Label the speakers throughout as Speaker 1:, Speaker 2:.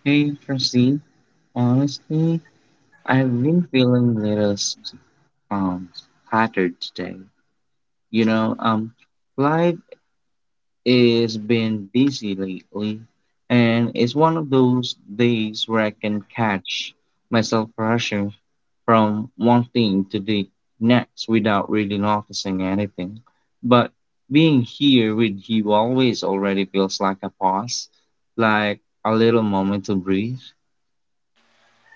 Speaker 1: Hey, Christine, honestly, I've been feeling a little um scattered today. You know, um, life has been busy lately, and it's one of those days where I can catch myself rushing from one thing to the next without really noticing anything. But being here with you always already feels like a pause, like a little moment to breathe.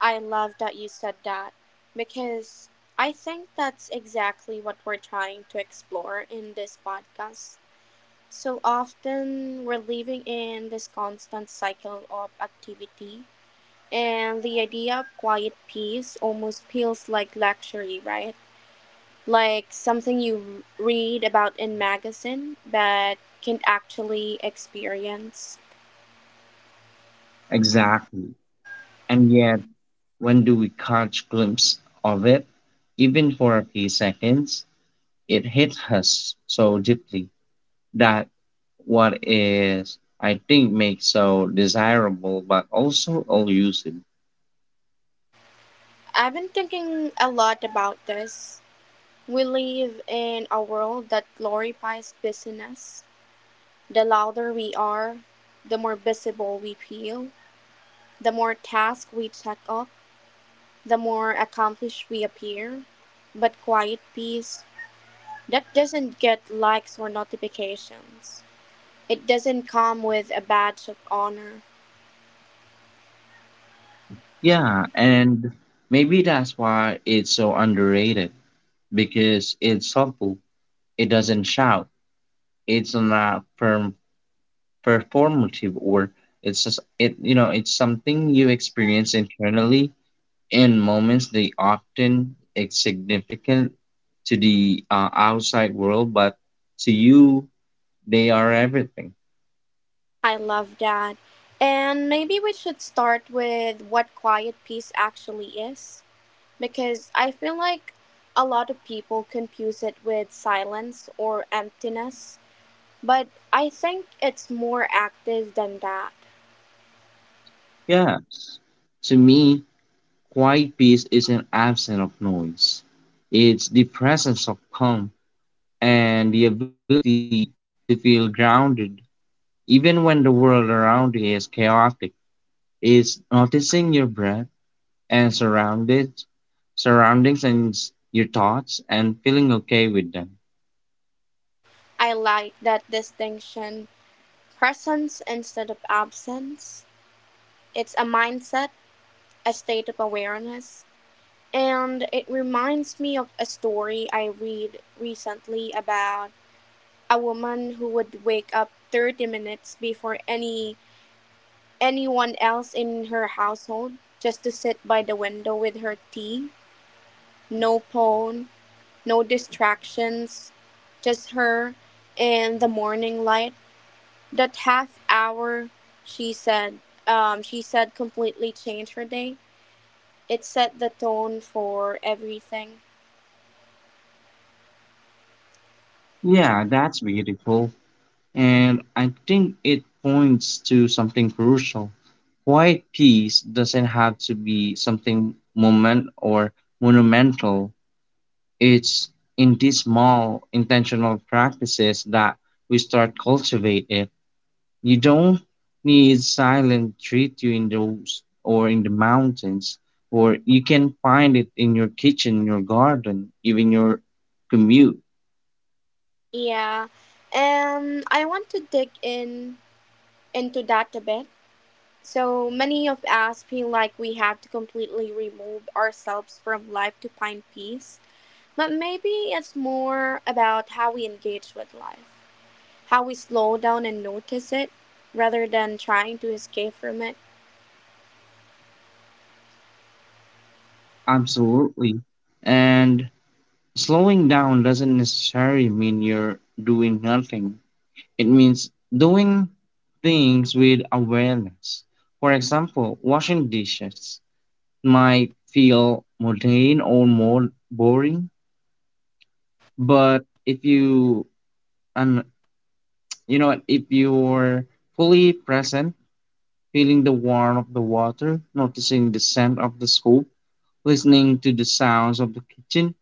Speaker 2: I love that you said that because I think that's exactly what we're trying to explore in this podcast. So often we're living in this constant cycle of activity. And the idea of quiet peace almost feels like luxury, right? Like something you read about in magazine but can actually experience.
Speaker 1: Exactly. And yet, when do we catch glimpse of it? Even for a few seconds, it hits us so deeply that what is I think makes so desirable but also elusive.
Speaker 2: I've been thinking a lot about this. We live in a world that glorifies busyness. The louder we are, the more visible we feel, the more tasks we check off, the more accomplished we appear. But quiet peace, that doesn't get likes or notifications. It doesn't come with a badge of honor.
Speaker 1: Yeah, and maybe that's why it's so underrated, because it's subtle. It doesn't shout. It's not performative, or it's just it's something you experience internally in moments they often insignificant to the outside world, but to you, they are everything.
Speaker 2: I love that. And maybe we should start with what quiet peace actually is, because I feel like a lot of people confuse it with silence or emptiness, but I think it's more active than that.
Speaker 1: Yes. To me, quiet peace isn't absence of noise. It's the presence of calm and the ability to feel grounded, even when the world around you is chaotic. It's noticing your breath and surrounded surroundings and your thoughts and feeling okay with them.
Speaker 2: I like that distinction, presence instead of absence. It's a mindset, a state of awareness, and it reminds me of a story I read recently about a woman who would wake up 30 minutes before anyone else in her household, just to sit by the window with her tea, no phone, no distractions, just her and the morning light. That half hour, she said, she said completely changed her day. It set the tone for everything.
Speaker 1: Yeah, that's beautiful. And I think it points to something crucial. Quiet peace doesn't have to be something moment or monumental. It's in these small intentional practices that we start cultivate it. You don't need silent treat you in those or in the mountains, or you can find it in your kitchen, your garden, even your commute.
Speaker 2: Yeah, and I want to dig in into that a bit. So many of us feel like we have to completely remove ourselves from life to find peace, but maybe it's more about how we engage with life, how we slow down and notice it, rather than trying to escape from it.
Speaker 1: Absolutely. And slowing down doesn't necessarily mean you're doing nothing. It means doing things with awareness. For example, washing dishes might feel mundane or more boring, but if you and you know if you're fully present, feeling the warmth of the water, noticing the scent of the soap, listening to the sounds of the kitchen,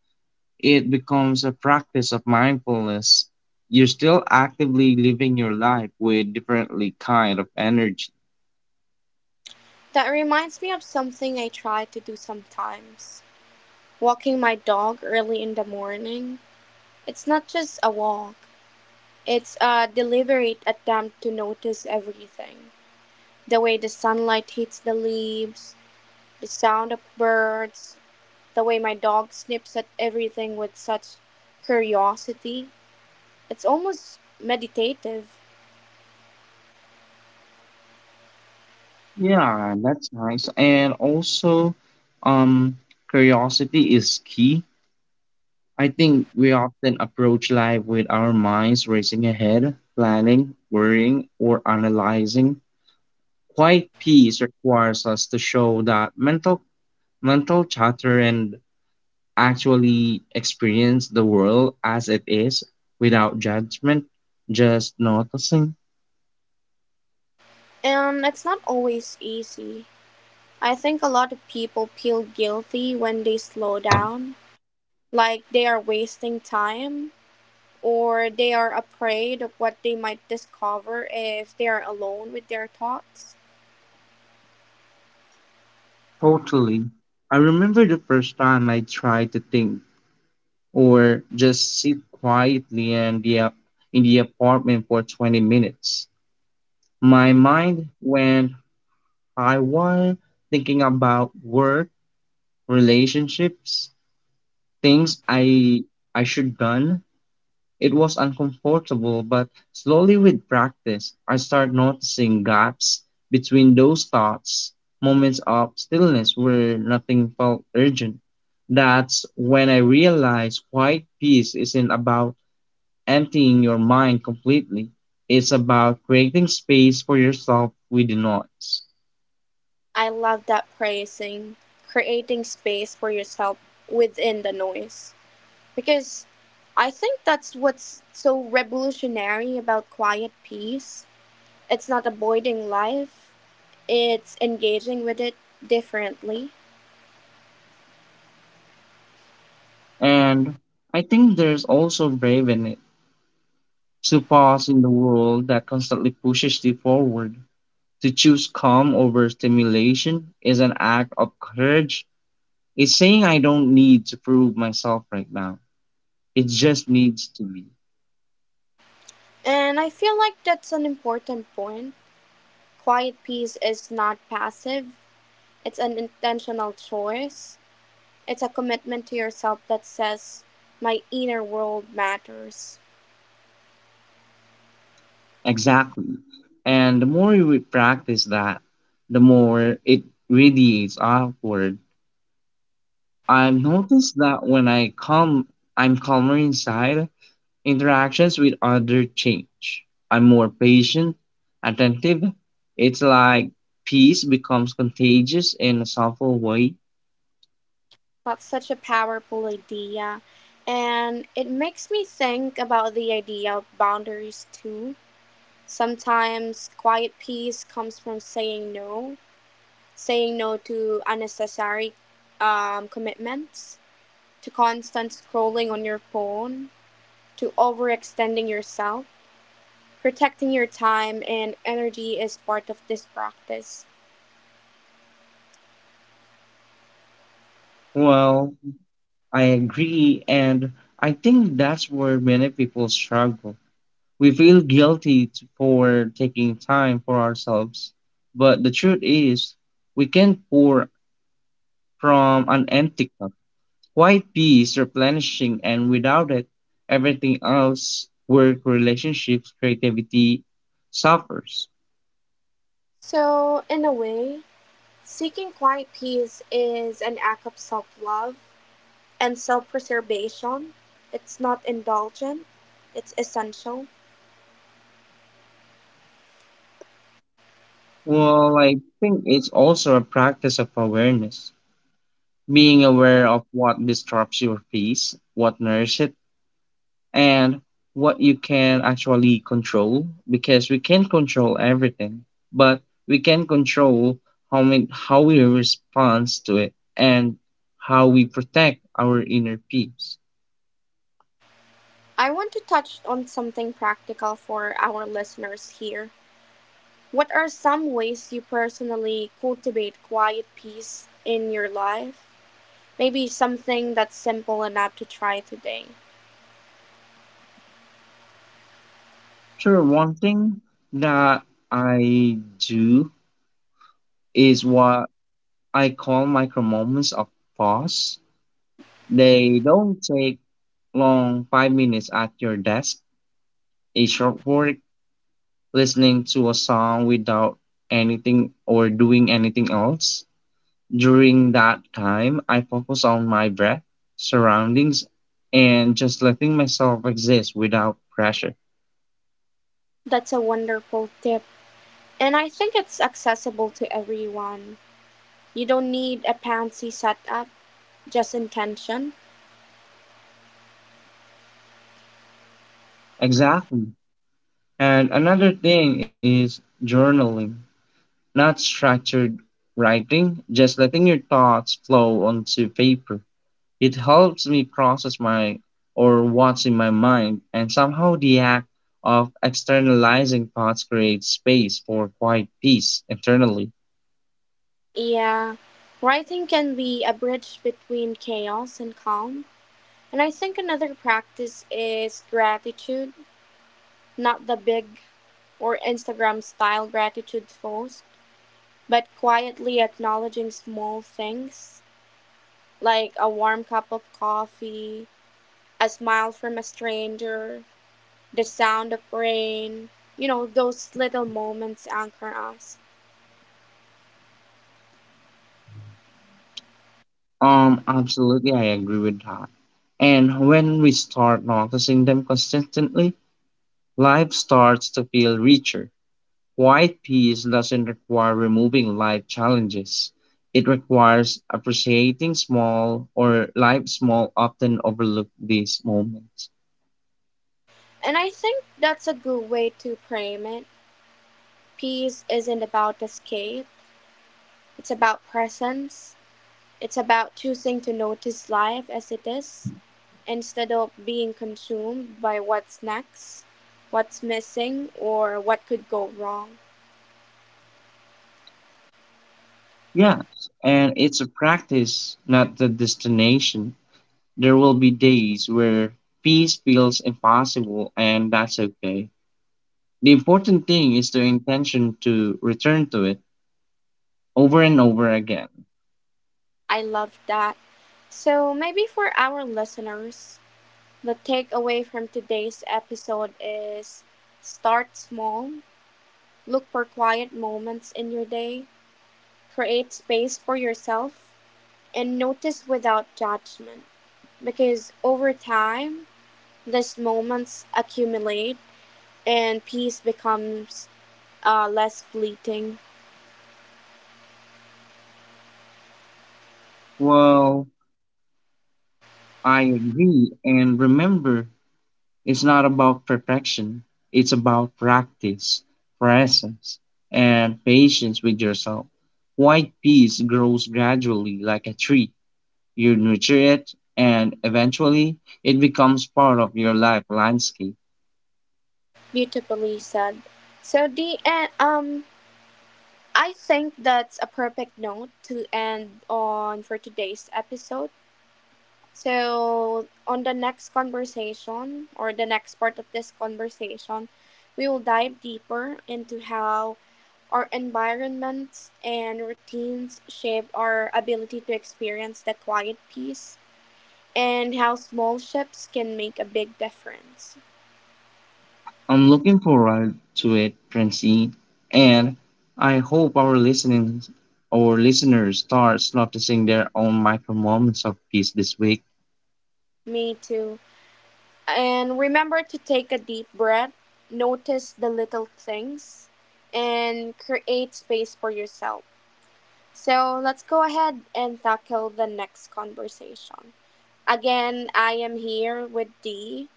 Speaker 1: it becomes a practice of mindfulness. You're still actively living your life with differently kind of energy.
Speaker 2: That reminds me of something I try to do sometimes, walking my dog early in the morning. It's not just a walk, it's a deliberate attempt to notice everything, the way the sunlight hits the leaves, the sound of birds, the way my dog sniffs at everything with such curiosity. It's almost meditative,
Speaker 1: Yeah, that's nice. And also, um, curiosity is key. I think we often approach life with our minds racing ahead, planning, worrying, or analyzing. Quiet peace requires us to show that mental chatter and actually experience the world as it is without judgment, just noticing.
Speaker 2: and it's not always easy. I think a lot of people feel guilty when they slow down, like they are wasting time. Or they are afraid of what they might discover if they are alone with their thoughts.
Speaker 1: Totally. I remember the first time I tried to think or just sit quietly in in the apartment for 20 minutes. My mind went high wire thinking about work, relationships, things I should done. It was uncomfortable, but slowly with practice, I started noticing gaps between those thoughts, moments of stillness where nothing felt urgent. That's when I realized quiet peace isn't about emptying your mind completely. It's about creating space for yourself with the noise.
Speaker 2: I love that praising, creating space for yourself within the noise. Because I think that's what's so revolutionary about quiet peace. It's not avoiding life, it's engaging with it differently.
Speaker 1: And I think there's also brave in it to pause in the world that constantly pushes you forward. To choose calm over stimulation is an act of courage. It's saying I don't need to prove myself right now. It just needs to be.
Speaker 2: And I feel like that's an important point. Quiet peace is not passive, it's an intentional choice. It's a commitment to yourself that says, my inner world matters.
Speaker 1: Exactly. And the more we practice that, the more it radiates outward. I've noticed that when I come, I'm calmer inside, interactions with others change. I'm more patient, attentive. It's like peace becomes contagious in a subtle way.
Speaker 2: That's such a powerful idea. And it makes me think about the idea of boundaries too. Sometimes quiet peace comes from saying no to unnecessary commitments, to constant scrolling on your phone, to overextending yourself. Protecting your time and energy is part of this practice.
Speaker 1: Well, I agree, and I think that's where many people struggle. We feel guilty for taking time for ourselves, but the truth is, we can pour from an empty cup. Quiet peace, replenishing, and without it, everything else work, relationships, creativity suffers.
Speaker 2: So, in a way, seeking quiet peace is an act of self love and self-preservation. It's not indulgent, it's essential.
Speaker 1: Well, I think it's also a practice of awareness, being aware of what disrupts your peace, what nourishes it, and what you can actually control, because we can not control everything, but we can control how we respond to it and how we protect our inner peace.
Speaker 2: I want to touch on something practical for our listeners here. What are some ways you personally cultivate quiet peace in your life? Maybe something that's simple enough to try today.
Speaker 1: Sure, one thing that I do is what I call micro moments of pause. They don't take long, 5 minutes at your desk, a short work, listening to a song without anything or doing anything else. During that time, I focus on my breath, surroundings, and just letting myself exist without pressure.
Speaker 2: That's a wonderful tip. And I think it's accessible to everyone. You don't need a fancy setup, just intention.
Speaker 1: Exactly. And another thing is journaling, not structured writing, just letting your thoughts flow onto paper. It helps me process my or what's in my mind, and somehow the act of externalizing thoughts creates space for quiet peace internally.
Speaker 2: Yeah, writing can be a bridge between chaos and calm. And I think another practice is gratitude, not the big or Instagram style gratitude post, but quietly acknowledging small things like a warm cup of coffee, a smile from a stranger, the sound of rain. You know, those little moments anchor us.
Speaker 1: Absolutely, I agree with that. And when we start noticing them consistently, life starts to feel richer. Quiet peace doesn't require removing life challenges. It requires appreciating small or life small often overlooked these moments.
Speaker 2: And I think that's a good way to frame it. Peace isn't about escape, it's about presence. It's about choosing to notice life as it is instead of being consumed by what's next, what's missing, or what could go wrong.
Speaker 1: Yes, and it's a practice, not the destination. There will be days where peace feels impossible, and that's okay. The important thing is the intention to return to it over and over again.
Speaker 2: I love that. So, maybe for our listeners, the takeaway from today's episode is start small, look for quiet moments in your day, create space for yourself, and notice without judgment. Because over time, these moments accumulate, and peace becomes less fleeting.
Speaker 1: Well, I agree, and remember, it's not about perfection, it's about practice, presence, and patience with yourself. White peace grows gradually like a tree. You nurture it, and eventually it becomes part of your life landscape.
Speaker 2: Beautifully said. So the end. I think that's a perfect note to end on for today's episode. So on the next conversation or the next part of this conversation, we will dive deeper into how our environments and routines shape our ability to experience the quiet peace and how small ships can make a big difference.
Speaker 1: I'm looking forward to it, Princey, and I hope our listeners starts noticing their own micro moments of peace this week.
Speaker 2: Me too. And remember to take a deep breath, notice the little things, and create space for yourself. So let's go ahead and tackle the next conversation. Again, I am here with Dee.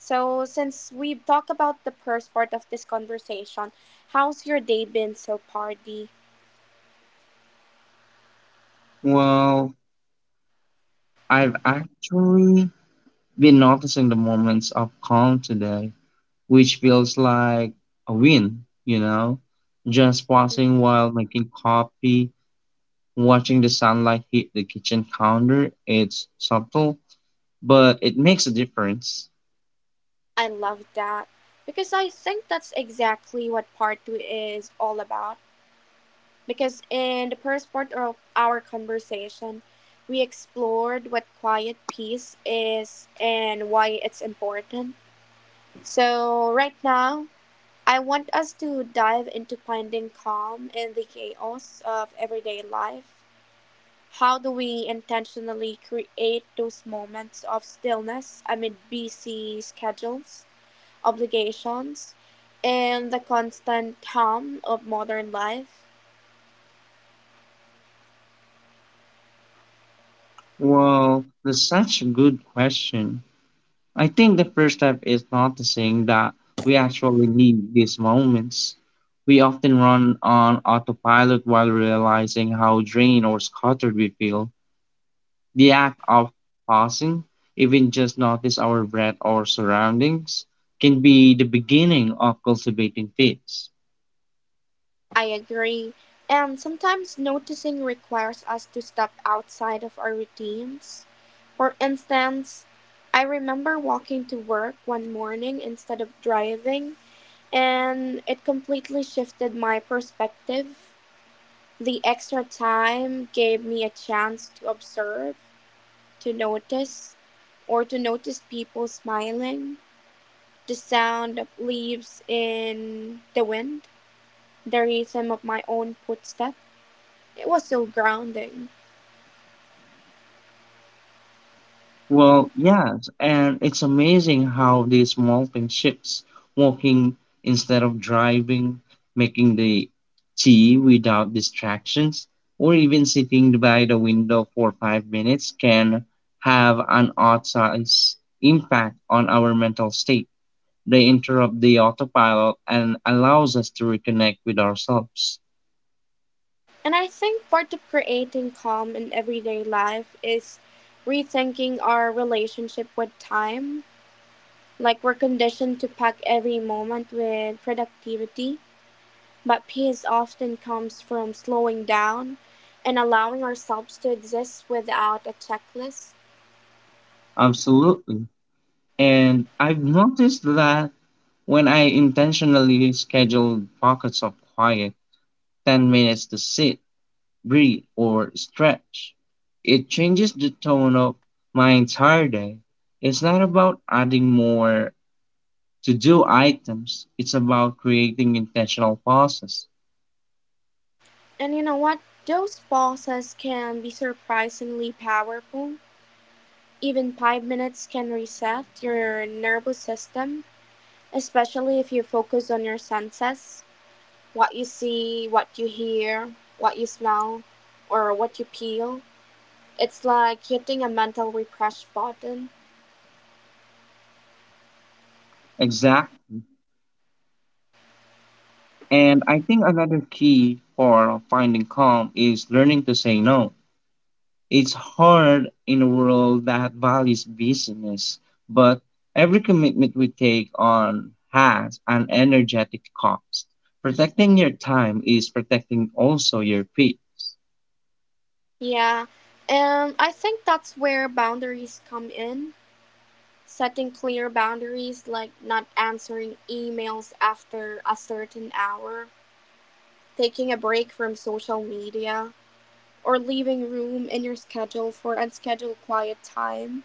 Speaker 2: So, since we've talked about the first part of this conversation, how's your day been so far, Dee?
Speaker 1: Well, I've actually been noticing the moments of calm today, which feels like a win, you know? Just pausing while making coffee, watching the sunlight hit the kitchen counter, it's subtle, but it makes a difference.
Speaker 2: I love that because I think that's exactly what part two is all about. Because in the first part of our conversation, we explored what quiet peace is and why it's important. So, right now, I want us to dive into finding calm in the chaos of everyday life. How do we intentionally create those moments of stillness amid busy schedules, obligations, and the constant hum of modern life?
Speaker 1: Well, that's such a good question. I think the first step is noticing that we actually need these moments. We often run on autopilot while realizing how drained or scattered we feel. The act of pausing, even just notice our breath or surroundings, can be the beginning of cultivating peace.
Speaker 2: I agree. And sometimes noticing requires us to step outside of our routines. For instance, I remember walking to work one morning instead of driving, and it completely shifted my perspective. The extra time gave me a chance to observe, to notice, or to notice people smiling. The sound of leaves in the wind, the rhythm of my own footstep. It was so grounding.
Speaker 1: Well, yes, and it's amazing how these small things shifts, walking instead of driving, making the tea without distractions, or even sitting by the window for 5 minutes can have an outsized impact on our mental state. They interrupt the autopilot and allows us to reconnect with ourselves.
Speaker 2: And I think part of creating calm in everyday life is rethinking our relationship with time. Like we're conditioned to pack every moment with productivity, but peace often comes from slowing down and allowing ourselves to exist without a checklist.
Speaker 1: Absolutely. And I've noticed that when I intentionally schedule pockets of quiet, 10 minutes to sit, breathe, or stretch, it changes the tone of my entire day. It's not about adding more to do items, it's about creating intentional pauses.
Speaker 2: And you know what? Those pauses can be surprisingly powerful. Even 5 minutes can reset your nervous system, especially if you focus on your senses, what you see, what you hear, what you smell, or what you feel. It's like hitting a mental refresh button.
Speaker 1: Exact. And I think another key for finding calm is learning to say no. It's hard in a world that values business, but every commitment we take on has an energetic cost. Protecting your time is protecting also your peace.
Speaker 2: Yeah, and I think that's where boundaries come in. Setting clear boundaries like not answering emails after a certain hour, taking a break from social media, or leaving room in your schedule for unscheduled quiet time.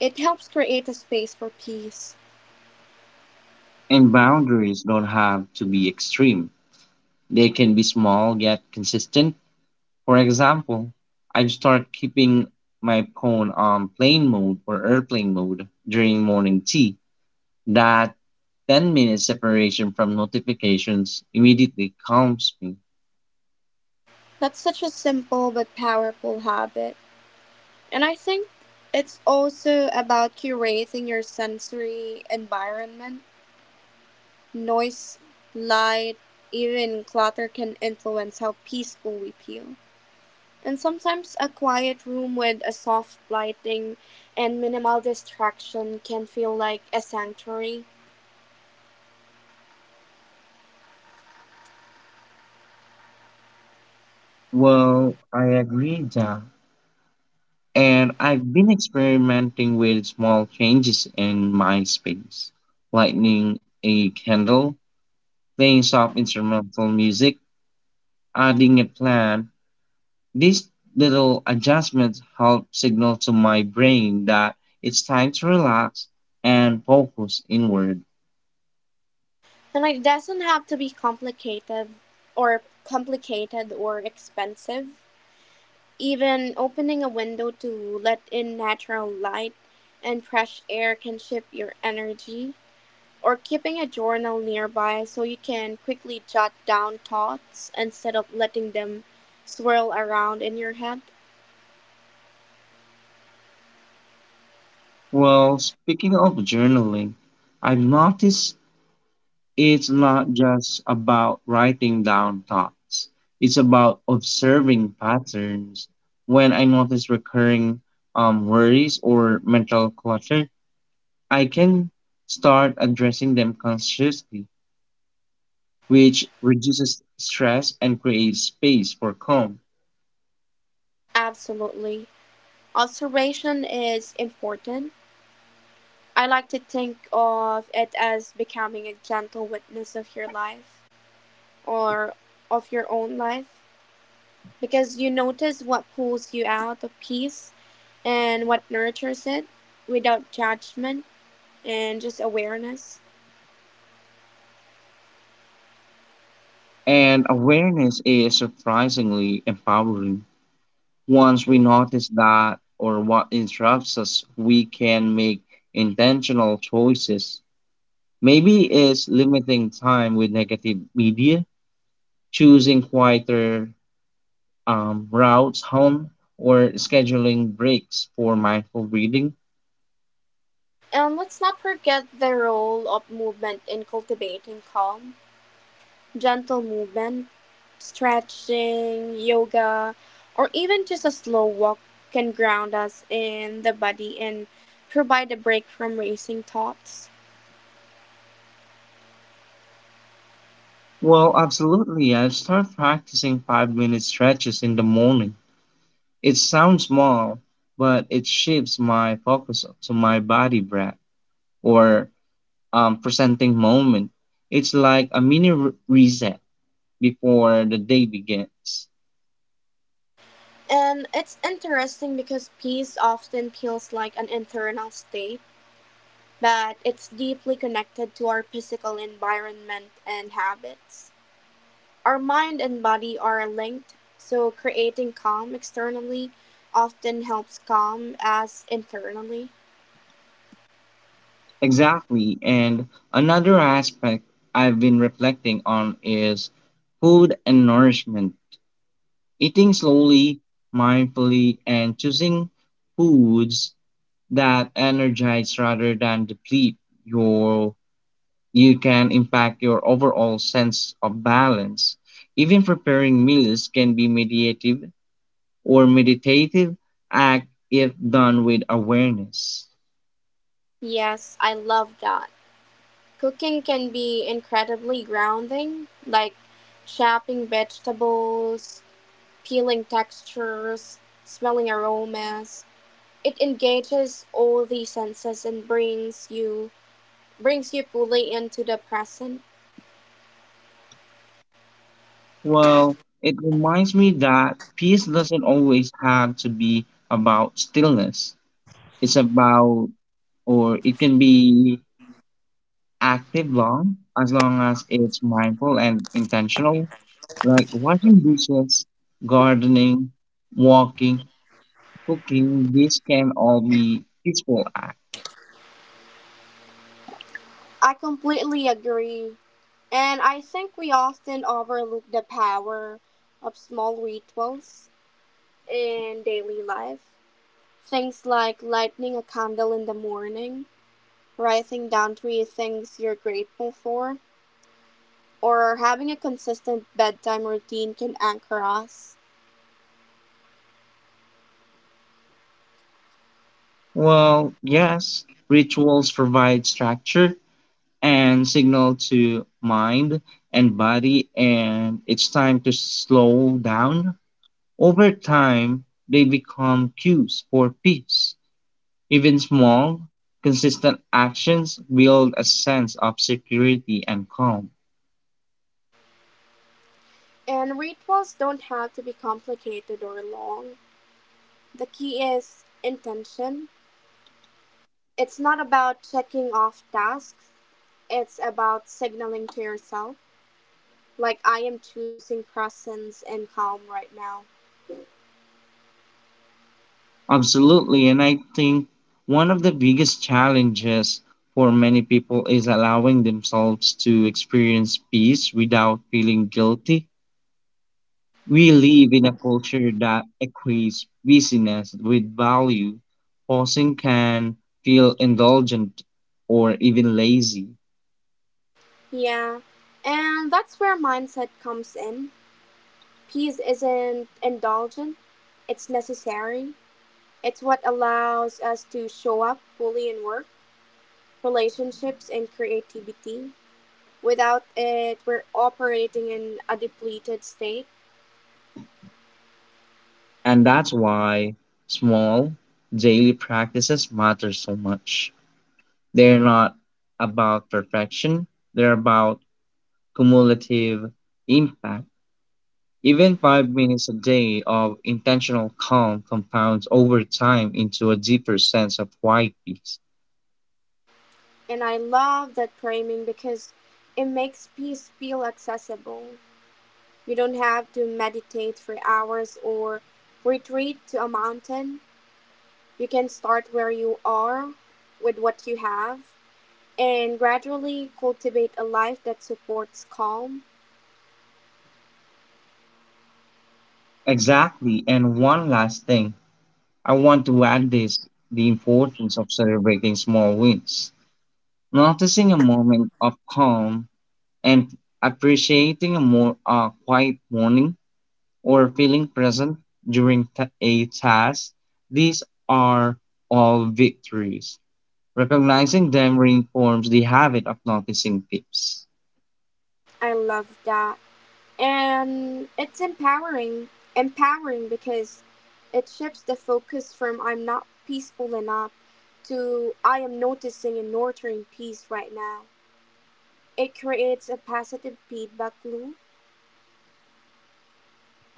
Speaker 2: It helps create a space for peace.
Speaker 1: And boundaries don't have to be extreme. They can be small yet consistent. For example, I start keeping my phone on plane mode or airplane mode during morning tea. That 10-minute separation from notifications immediately calms me.
Speaker 2: That's such a simple but powerful habit. And I think it's also about curating your sensory environment. Noise, light, even clutter can influence how peaceful we feel. And sometimes a quiet room with a soft lighting and minimal distraction can feel like a sanctuary.
Speaker 1: Well, I agree, Jack. And I've been experimenting with small changes in my space, lighting a candle, playing soft instrumental music, adding a plant. These little adjustments help signal to my brain that it's time to relax and focus inward.
Speaker 2: And it doesn't have to be complicated or expensive. Even opening a window to let in natural light and fresh air can shift your energy. Or keeping a journal nearby so you can quickly jot down thoughts instead of letting them swirl around in your head.
Speaker 1: Well, speaking of journaling, I've noticed it's not just about writing down thoughts. It's about observing patterns. When I notice recurring worries or mental clutter, I can start addressing them consciously, which reduces stress and creates space for calm.
Speaker 2: Absolutely. Observation is important. I like to think of it as becoming a gentle witness of your life, or of your own life, because you notice what pulls you out of peace and what nurtures it without judgment and just awareness.
Speaker 1: And awareness is surprisingly empowering. Once we
Speaker 2: Mhm.
Speaker 1: notice that or what interrupts us, we can make intentional choices. Maybe it's limiting time with negative media, choosing quieter routes home, or scheduling breaks for mindful breathing.
Speaker 2: And let's not forget the role of movement in cultivating calm. Gentle movement, stretching, yoga, or even just a slow walk can ground us in the body and provide a break from racing thoughts.
Speaker 1: Well, absolutely. I'll start practicing 5 minute stretches in the morning. It sounds small, but it shifts my focus to my body breath or presenting moment. It's like a mini reset before the day begins.
Speaker 2: And it's interesting because peace often feels like an internal state, but it's deeply connected to our physical environment and habits. Our mind and body are linked, so creating calm externally often helps calm us internally.
Speaker 1: Exactly. And another aspect I've been reflecting on is food and nourishment. Eating slowly, mindfully, and choosing foods that energize rather than deplete your you can impact your overall sense of balance. Even preparing meals can be meditative act if done with awareness.
Speaker 2: Yes, I love that. Cooking can be incredibly grounding, like chopping vegetables, peeling textures, smelling aromas. It engages all the senses and brings you fully into the present.
Speaker 1: Well, it reminds me that peace doesn't always have to be about stillness. It's about, or it can be active long as it's mindful and intentional, like washing dishes, gardening, walking, cooking. These can all be peaceful acts.
Speaker 2: I completely agree. And I think we often overlook the power of small rituals in daily life. Things like lighting a candle in the morning, writing down three things you're grateful for, or having a consistent bedtime routine can anchor us.
Speaker 1: Well, yes, rituals provide structure and signal to mind and body, and it's time to slow down. Over time, they become cues for peace. Even small, consistent actions build a sense of security and calm.
Speaker 2: And rituals don't have to be complicated or long. The key is intention. It's not about checking off tasks, it's about signaling to yourself, like, I am choosing presence and calm right now.
Speaker 1: Absolutely, and I think one of the biggest challenges for many people is allowing themselves to experience peace without feeling guilty. We live in a culture that equates busyness with value. Pausing can feel indulgent or even lazy.
Speaker 2: Yeah, and that's where mindset comes in. Peace isn't indulgent, it's necessary. It's what allows us to show up fully in work, relationships, and creativity. Without it, we're operating in a depleted state.
Speaker 1: And that's why small daily practices matter so much. They're not about perfection, they're about cumulative impact. Even 5 minutes a day of intentional calm compounds over time into a deeper sense of quiet peace.
Speaker 2: And I love that framing because it makes peace feel accessible. You don't have to meditate for hours or retreat to a mountain. You can start where you are with what you have and gradually cultivate a life that supports calm.
Speaker 1: Exactly. And one last thing I want to add this the importance of celebrating small wins, noticing a moment of calm and appreciating a more quiet morning or feeling present during a task. These are all victories. Recognizing them reinforces the habit of noticing tips.
Speaker 2: I love that. And it's empowering because it shifts the focus from "I'm not peaceful enough" to "I am noticing and nurturing peace right now." It creates a positive feedback loop.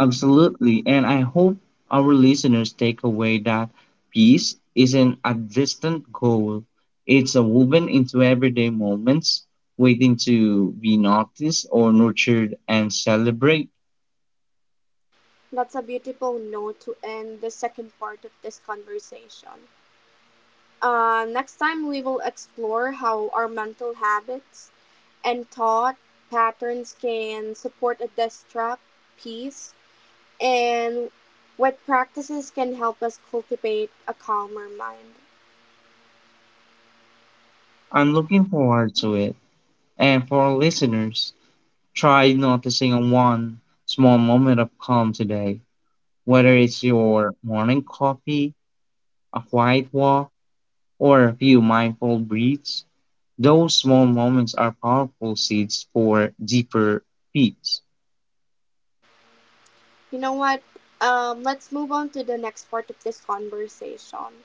Speaker 1: Absolutely. And I hope our listeners take away that peace isn't a distant goal. It's a woven into everyday moments, waiting to be noticed or nurtured and celebrate.
Speaker 2: That's a beautiful note to end the second part of this conversation. Next time we will explore how our mental habits and thought patterns can support a destruct peace. And what practices can help us cultivate a calmer mind?
Speaker 1: I'm looking forward to it. And for our listeners, try noticing a one small moment of calm today, whether it's your morning coffee, a quiet walk, or a few mindful breaths. Those small moments are powerful seeds for deeper peace.
Speaker 2: You know what? Let's move on to the next part of this conversation.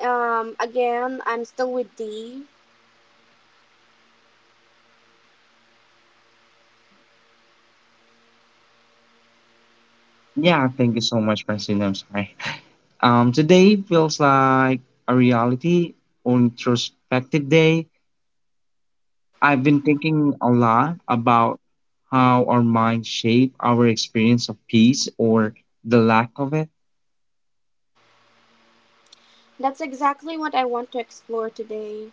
Speaker 2: Again, I'm still with D.
Speaker 1: Yeah, thank you so much, Francine. I'm sorry. Today feels like a reality or introspective day. I've been thinking a lot about how our minds shape our experience of peace or the lack of it.
Speaker 2: That's exactly what I want to explore today.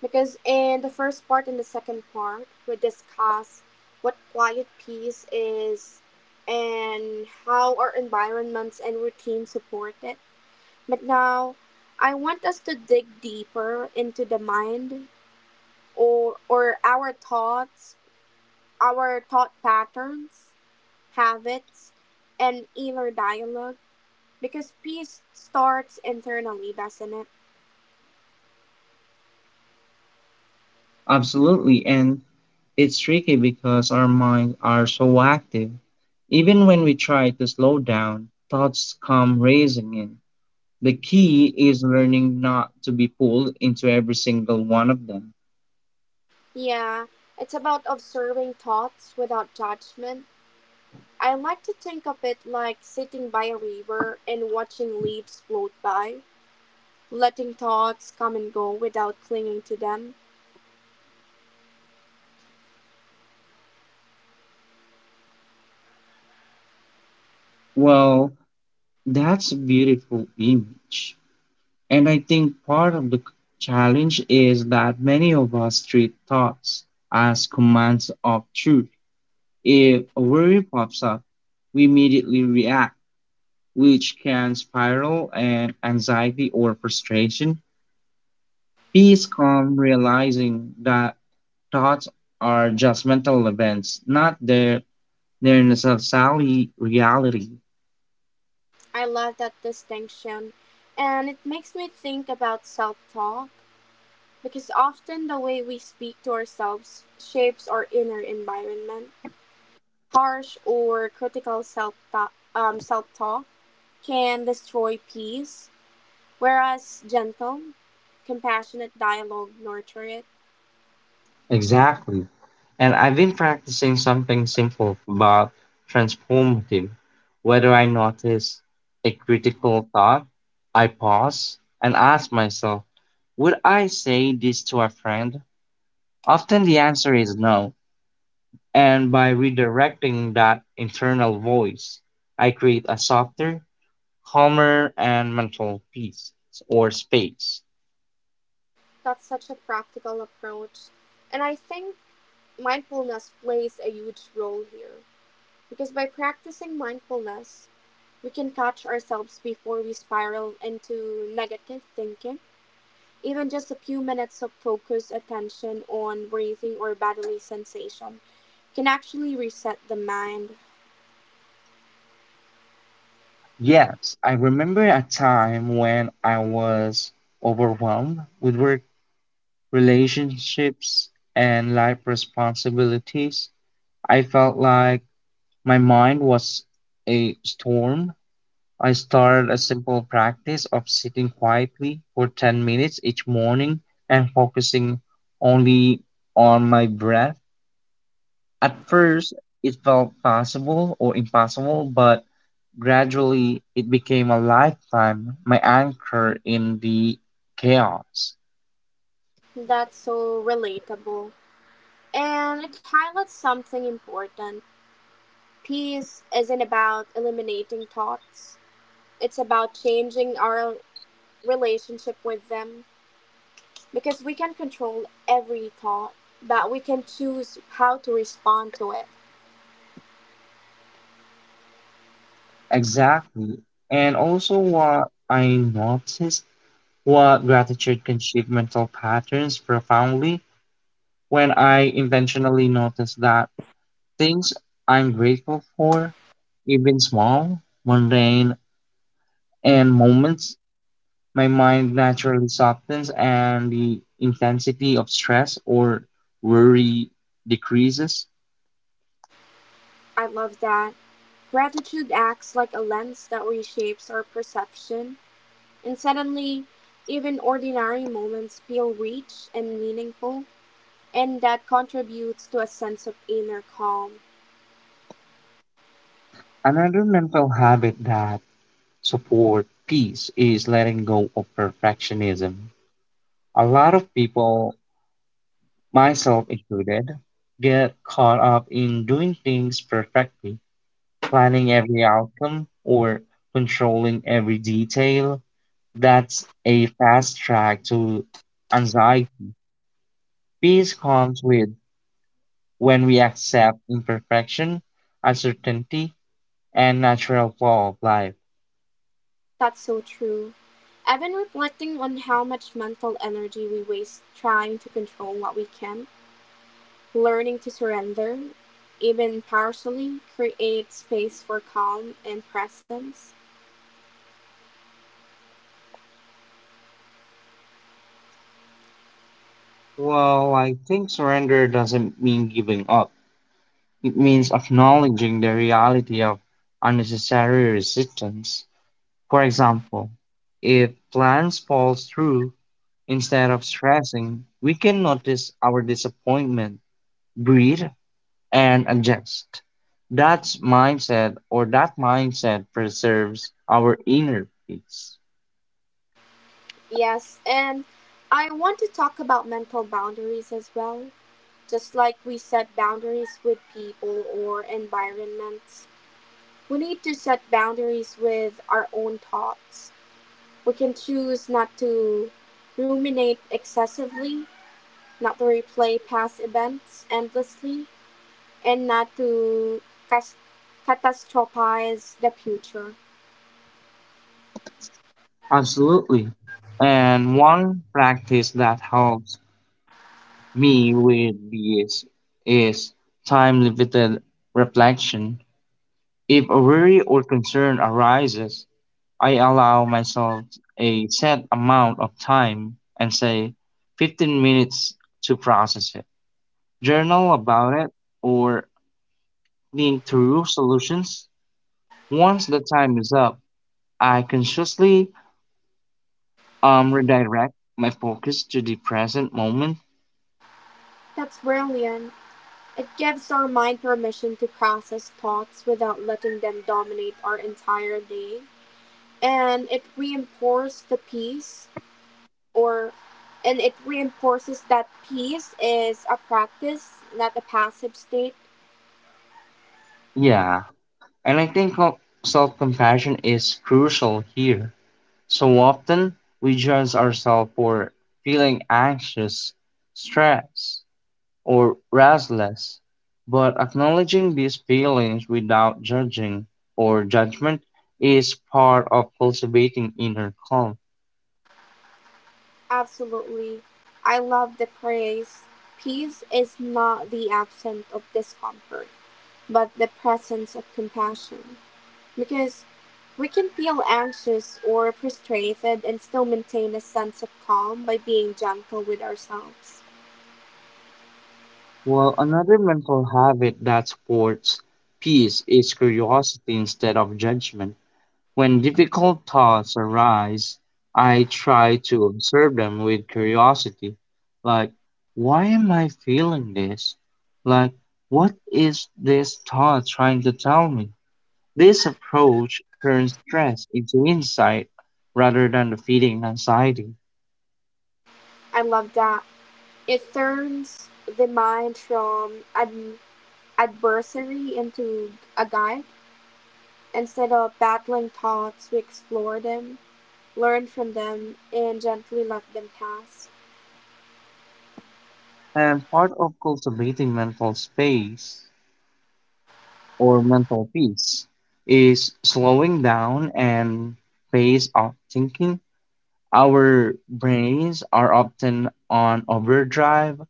Speaker 2: Because in the first part and the second part, we discuss what quiet peace is and how our environments and routines support it. But now, I want us to dig deeper into the mind, or our thoughts, our thought patterns, habits, and inner dialogue, because peace starts internally, doesn't it?
Speaker 1: Absolutely. And it's tricky because our minds are so active. Even when we try to slow down, thoughts come racing in. The key is learning not to be pulled into every single one of them.
Speaker 2: Yeah, it's about observing thoughts without judgment. I like to think of it like sitting by a river and watching leaves float by, letting thoughts come and go without clinging to them.
Speaker 1: Well, that's a beautiful image. And I think part of the challenge is that many of us treat thoughts as commands of truth. If a worry pops up, we immediately react, which can spiral and anxiety or frustration. Peace comes realizing that thoughts are just mental events, not their. They're in a sally reality.
Speaker 2: I love that distinction. And it makes me think about self talk, because often the way we speak to ourselves shapes our inner environment. Harsh or critical self talk can destroy peace, whereas gentle, compassionate dialogue nurture it.
Speaker 1: Exactly. And I've been practicing something simple but transformative. Whether I notice a critical thought, I pause and ask myself, would I say this to a friend? Often the answer is no. And by redirecting that internal voice, I create a softer, calmer, and mental peace or space.
Speaker 2: That's such a practical approach. And I think mindfulness plays a huge role here. Because by practicing mindfulness, we can catch ourselves before we spiral into negative thinking. Even just a few minutes of focused attention on breathing or bodily sensation can actually reset the mind.
Speaker 1: Yes, I remember a time when I was overwhelmed with work, relationships, and life responsibilities. I felt like my mind was a storm. I started a simple practice of sitting quietly for 10 minutes each morning and focusing only on my breath. At first, it felt possible or impossible, but gradually it became a lifetime, my anchor in the chaos.
Speaker 2: That's so relatable. And it highlights something important. Peace isn't about eliminating thoughts, it's about changing our relationship with them. Because we can control every thought, but we can choose how to respond to it.
Speaker 1: Exactly. And also, what I noticed, what gratitude can shift mental patterns profoundly when I intentionally notice that things I'm grateful for, even small, mundane, and moments, my mind naturally softens and the intensity of stress or worry decreases.
Speaker 2: I love that. Gratitude acts like a lens that reshapes our perception, and suddenly, even ordinary moments feel rich and meaningful, and that contributes to a sense of inner calm.
Speaker 1: Another mental habit that support peace is letting go of perfectionism. A lot of people, myself included, get caught up in doing things perfectly, planning every outcome or controlling every detail. That's a fast track to anxiety. Peace comes with when we accept imperfection, uncertainty, and natural flow of life.
Speaker 2: That's so true. I've been reflecting on how much mental energy we waste trying to control what we can. Learning to surrender, even partially, creates space for calm and presence.
Speaker 1: Well, I think surrender doesn't mean giving up. It means acknowledging the reality of unnecessary resistance. For example, if plans fall through, instead of stressing, we can notice our disappointment, breathe, and adjust. That's mindset or that mindset preserves our inner peace.
Speaker 2: Yes, and I want to talk about mental boundaries as well. Just like we set boundaries with people or environments, we need to set boundaries with our own thoughts. We can choose not to ruminate excessively, not to replay past events endlessly, and not to cas- catastrophize the future.
Speaker 1: Absolutely. And one practice that helps me with this is time limited reflection. If a worry or concern arises, I allow myself a set amount of time and say 15 minutes to process it, journal about it, or think through solutions. Once the time is up, I consciously redirect my focus to the present moment.
Speaker 2: That's brilliant. It gives our mind permission to process thoughts without letting them dominate our entire day. And it reinforces the peace or and it reinforces that peace is a practice, not a passive state.
Speaker 1: Yeah, and I think self compassion is crucial here. So often we judge ourselves for feeling anxious, stressed, or restless, but acknowledging these feelings without judging or judgment is part of cultivating inner calm.
Speaker 2: Absolutely. I love the phrase, peace is not the absence of discomfort, but the presence of compassion. Because we can feel anxious or frustrated and still maintain a sense of calm by being gentle with ourselves.
Speaker 1: Well, another mental habit that supports peace is curiosity instead of judgment. When difficult thoughts arise, I try to observe them with curiosity. Like, why am I feeling this? Like, what is this thought trying to tell me? This approach turns stress into insight rather than defeating anxiety.
Speaker 2: I love that. It turns the mind from an adversary into a guide. Instead of battling thoughts, we explore them, learn from them, and gently let them pass.
Speaker 1: And part of cultivating mental space or mental peace is slowing down and pace of thinking. Our brains are often on overdrive,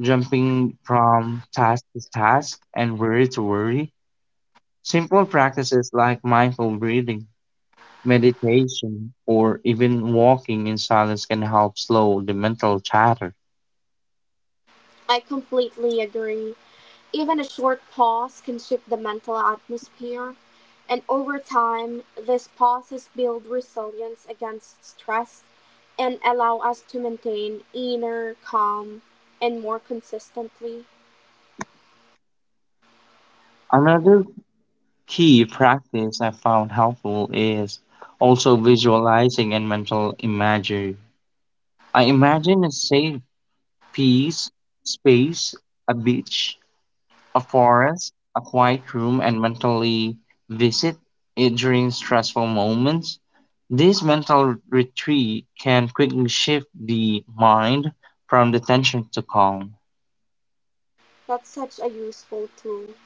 Speaker 1: jumping from task to task and worry to worry. Simple practices like mindful breathing, meditation, or even walking in silence can help slow the mental chatter.
Speaker 2: I completely agree. Even a short pause can shift the mental atmosphere, and over time, these pauses build resilience against stress and allow us to maintain inner calm and more consistently.
Speaker 1: Another key practice I found helpful is also visualizing and mental imagery. I imagine a safe, peace, space, a beach, a forest, a quiet room, and mentally visit it during stressful moments. This mental retreat can quickly shift the mind from the tension to calm.
Speaker 2: That's such a useful tool,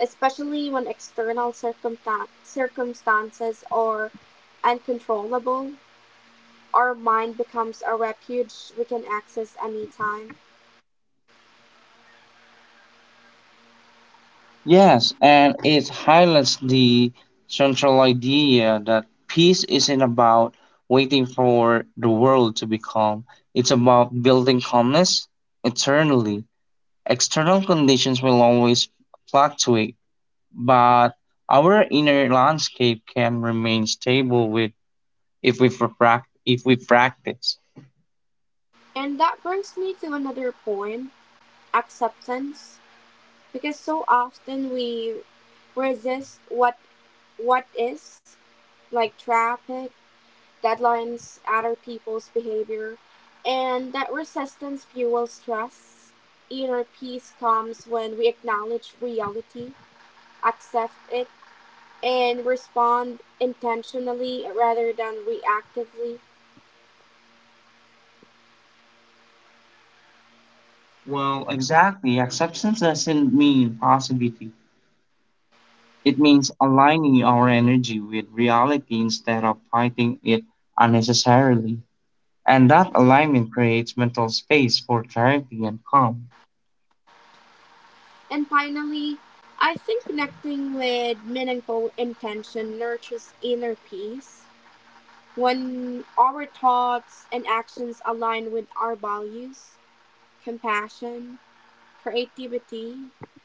Speaker 2: especially when external circumstances are uncontrollable. Our mind becomes a refuge we can access anytime.
Speaker 1: Yes, and it highlights the central idea that peace isn't about waiting for the world to be calm, it's about building calmness internally. External conditions will always fluctuate, but our inner landscape can remain stable with if we practice.
Speaker 2: And that brings me to another point: acceptance. Because so often we resist what is, like traffic, deadlines, other people's behavior, and that resistance fuels stress. Inner peace comes when we acknowledge reality, accept it, and respond intentionally rather than reactively.
Speaker 1: Well, exactly. Acceptance doesn't mean possibility. It means aligning our energy with reality instead of fighting it unnecessarily. And that alignment creates mental space for clarity and calm.
Speaker 2: And finally, I think connecting with meaningful intention nurtures inner peace. When our thoughts and actions align with our values, compassion, creativity,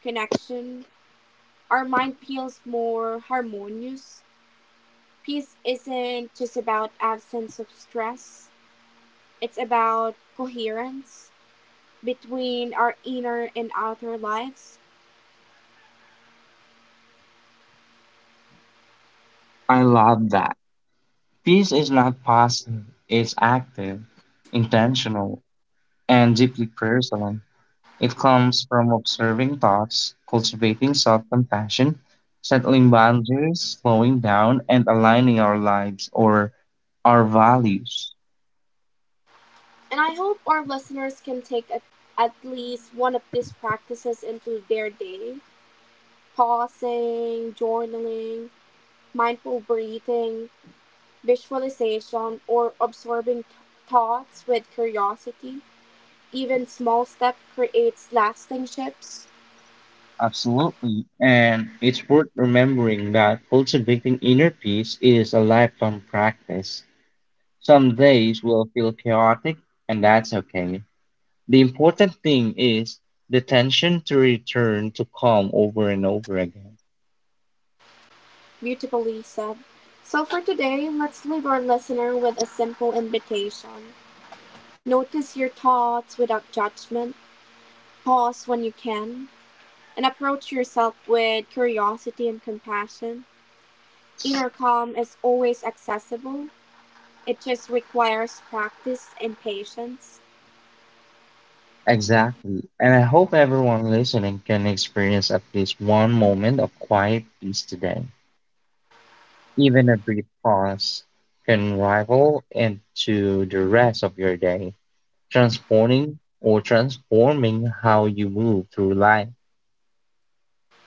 Speaker 2: connection, our mind feels more harmonious. Peace isn't just about absence of stress, it's about coherence between our inner and outer lives.
Speaker 1: I love that. Peace is not passive, it's active, intentional, and deeply personal. It comes from observing thoughts, cultivating self compassion, settling boundaries, slowing down, and aligning our lives or our values.
Speaker 2: And I hope our listeners can take at least one of these practices into their day: pausing, journaling, mindful breathing, visualization, or absorbing thoughts with curiosity. Even small step creates lasting shifts.
Speaker 1: Absolutely. And it's worth remembering that cultivating inner peace is a lifelong practice. Some days will feel chaotic, and that's okay. The important thing is the tension to return to calm over and over again.
Speaker 2: Beautifully said. So for today, let's leave our listener with a simple invitation. Notice your thoughts without judgment. Pause when you can, and approach yourself with curiosity and compassion. Inner calm is always accessible. It just requires practice and patience.
Speaker 1: Exactly. And I hope everyone listening can experience at least one moment of quiet peace today. Even a brief pause can rival into the rest of your day, transforming or transforming how you move through life.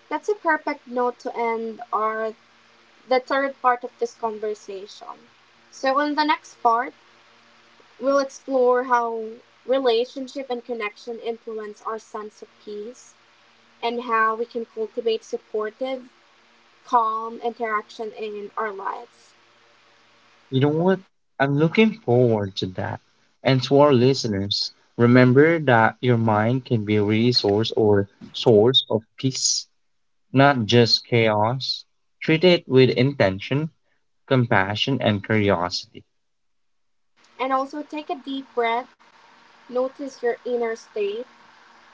Speaker 2: That's a perfect note to end our the third part of this conversation. So, in the next part, we'll explore how relationship and connection influence our sense of peace and how we can cultivate supportive, calm interaction in our lives.
Speaker 1: You know what? I'm looking forward to that. And to our listeners, remember that your mind can be a resource or source of peace, not just chaos. Treat it with intention compassion and curiosity.
Speaker 2: And also take a deep breath, notice your inner state,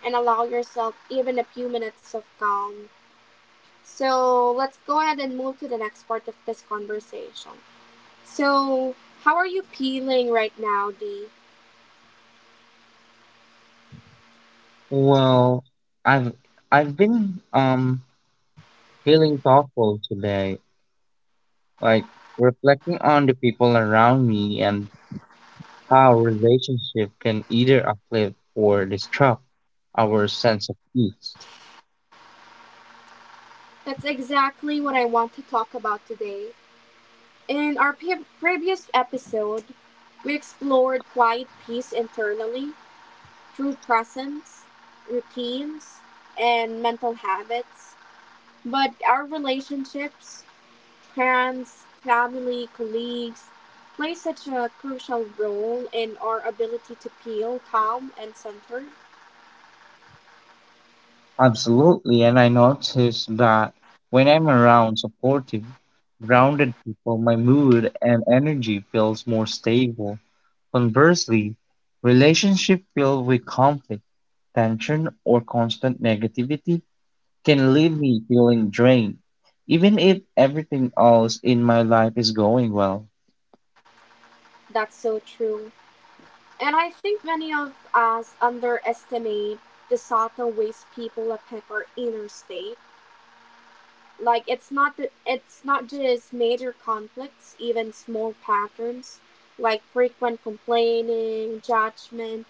Speaker 2: and allow yourself even a few minutes of calm. So, let's go ahead and move to the next part of this conversation. So, how are you feeling right now, Dee?
Speaker 1: Well, I've I've been feeling thoughtful today, like reflecting on the people around me and how relationship can either uplift or disrupt our sense of peace.
Speaker 2: That's exactly what I want to talk about today. In our previous episode, we explored quiet peace internally through presence, routines, and mental habits. But our relationships, friends, family, colleagues, play such a crucial role in our ability to feel calm and centered.
Speaker 1: Absolutely, and I noticed that when I'm around supportive, grounded people, my mood and energy feels more stable. Conversely, relationship filled with conflict tension, or constant negativity can leave me feeling drained, even if everything else in my life is going well.
Speaker 2: That's so true. And I think many of us underestimate the subtle ways people affect our inner state. Like it's not just major conflicts, even small patterns like frequent complaining, judgment,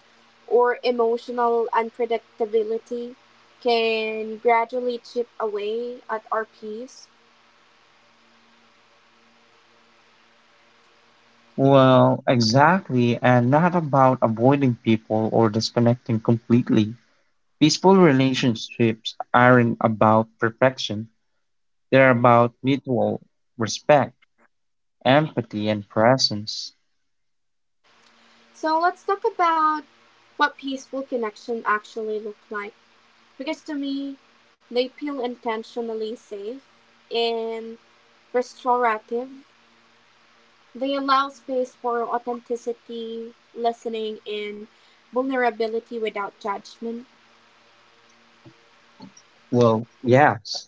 Speaker 2: or emotional unpredictability can gradually chip away at our peace.
Speaker 1: Well, exactly, and not about avoiding people or disconnecting completely. Peaceful relationships aren't about perfection, they're about mutual respect, empathy, and presence.
Speaker 2: So let's talk about what peaceful connection actually looks like. Because to me, they feel intentionally safe and restorative. They allow space for authenticity, listening, and vulnerability without judgment.
Speaker 1: Well, yes.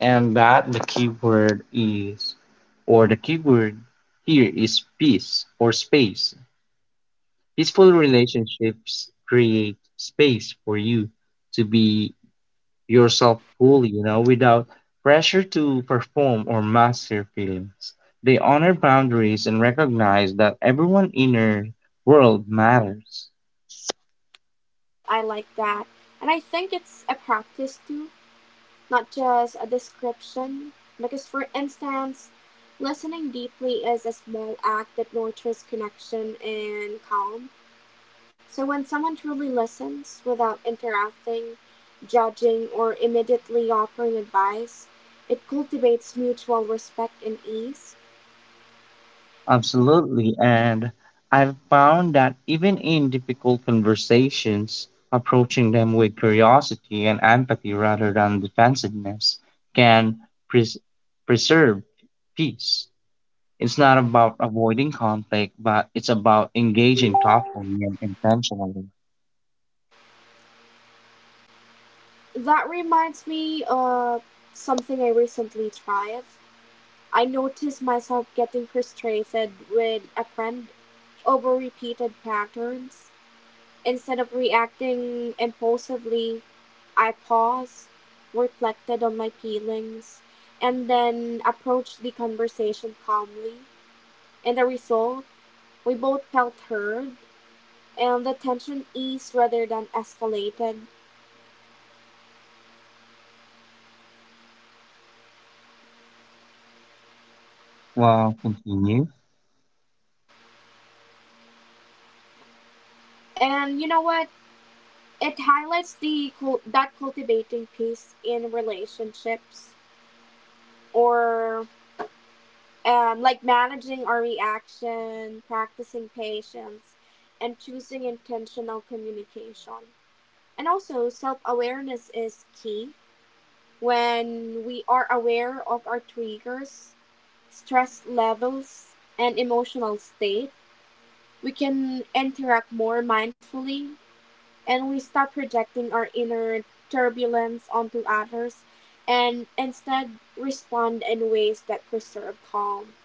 Speaker 1: and that the keyword is or the keyword here is peace or space. Peaceful relationships create space for you to be yourself fully, you know, without pressure to perform or mask your feelings. They honor boundaries and recognize that everyone's inner world matters.
Speaker 2: I like that. And I think it's a practice too, not just a description. Because, for instance, listening deeply is a small act that nurtures connection and calm. So when someone truly listens without interacting, judging, or immediately offering advice, it cultivates mutual respect and ease.
Speaker 1: Absolutely. And I've found that even in difficult conversations, approaching them with curiosity and empathy rather than defensiveness can pres- preserve peace. It's not about avoiding conflict, but it's about engaging thoughtfully and intentionally.
Speaker 2: That reminds me of something I recently tried. I noticed myself getting frustrated with a friend over repeated patterns. Instead of reacting impulsively, I paused, reflected on my feelings, and then approached the conversation calmly. And the result, we both felt heard, and the tension eased rather than escalated.
Speaker 1: Well, continue.
Speaker 2: And you know what? It highlights the that cultivating peace in relationships, or like managing our reaction, practicing patience, and choosing intentional communication. And also, self awareness is key. When we are aware of our triggers, stress levels, and emotional state, we can interact more mindfully and we stop projecting our inner turbulence onto others and instead respond in ways that preserve calm.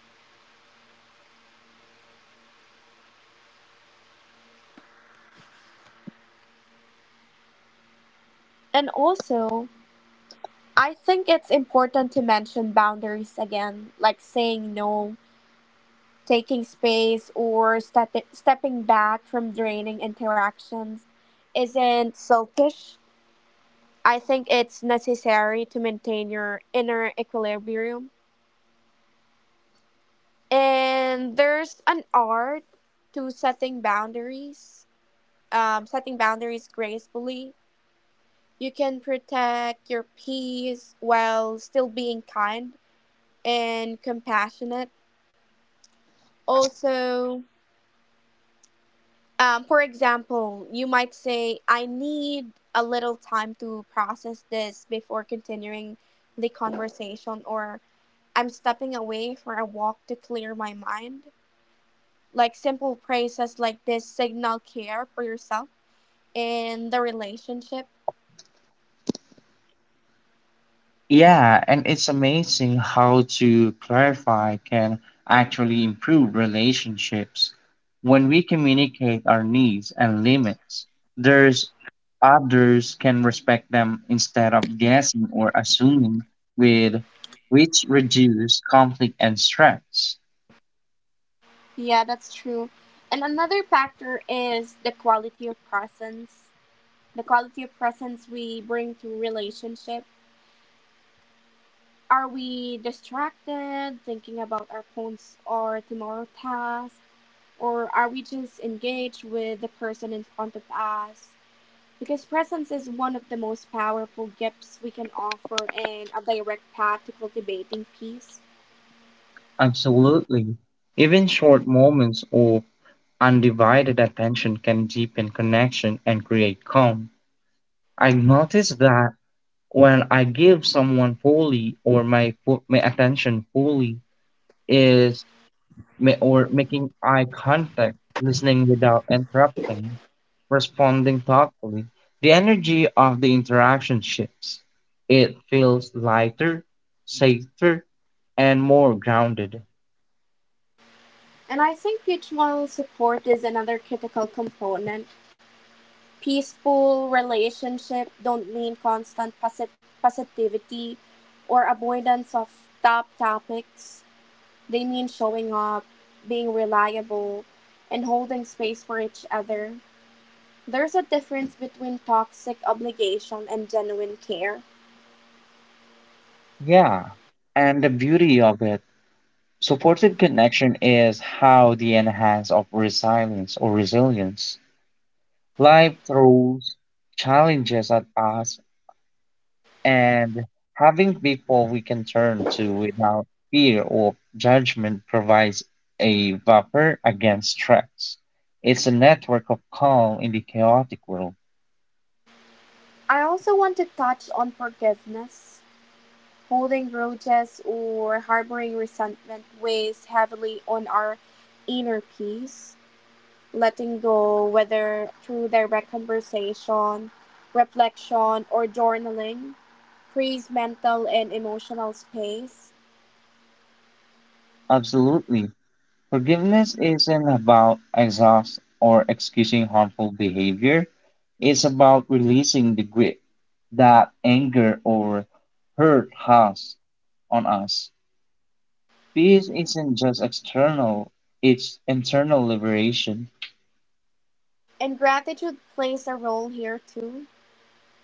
Speaker 2: And also, I think it's important to mention boundaries again, like saying no, taking space, or stepping back from draining interactions isn't selfish. I think it's necessary to maintain your inner equilibrium. And there's an art to setting boundaries, setting boundaries gracefully. You can protect your peace while still being kind and compassionate also. For example, you might say, I need a little time to process this before continuing the conversation, or I'm stepping away for a walk to clear my mind. Like simple phrases like this signal care for yourself in the relationship.
Speaker 1: Yeah, and it's amazing how to clarify can actually improve relationships. When we communicate our needs and limits, there's others can respect them instead of guessing or assuming with which reduce conflict and stress.
Speaker 2: Yeah, that's true. And another factor is the quality of presence, the quality of presence we bring to relationship. Are we distracted, thinking about our phones or tomorrow tasks, or are we just engaged with the person in front of us? Because presence is one of the most powerful gifts we can offer and a direct path to cultivating peace.
Speaker 1: Absolutely. Even short moments of undivided attention can deepen connection and create calm. I've noticed that when I give someone fully or my attention fully is ma- or making eye contact, listening without interrupting, responding thoughtfully, the energy of the interaction shifts. It feels lighter, safer, and more grounded.
Speaker 2: And I think mutual support is another critical component. Peaceful relationships don't mean constant positivity or avoidance of topics. They mean showing up, being reliable, and holding space for each other. There's a difference between toxic obligation and genuine care.
Speaker 1: Yeah, and the beauty of it, supported connection is how the enhance of resilience or resilience. Life throws challenges at us and having people we can turn to without fear or judgment provides a buffer against threats. It's a network of calm in the chaotic world.
Speaker 2: I also want to touch on forgiveness. Holding grudges or harboring resentment weighs heavily on our inner peace. Letting go, whether through direct conversation, reflection, or journaling, frees mental and emotional space.
Speaker 1: Absolutely. Forgiveness isn't about exhaust or excusing harmful behavior. It's about releasing the grip that anger or hurt has on us. Peace isn't just external, it's internal liberation.
Speaker 2: And gratitude plays a role here too,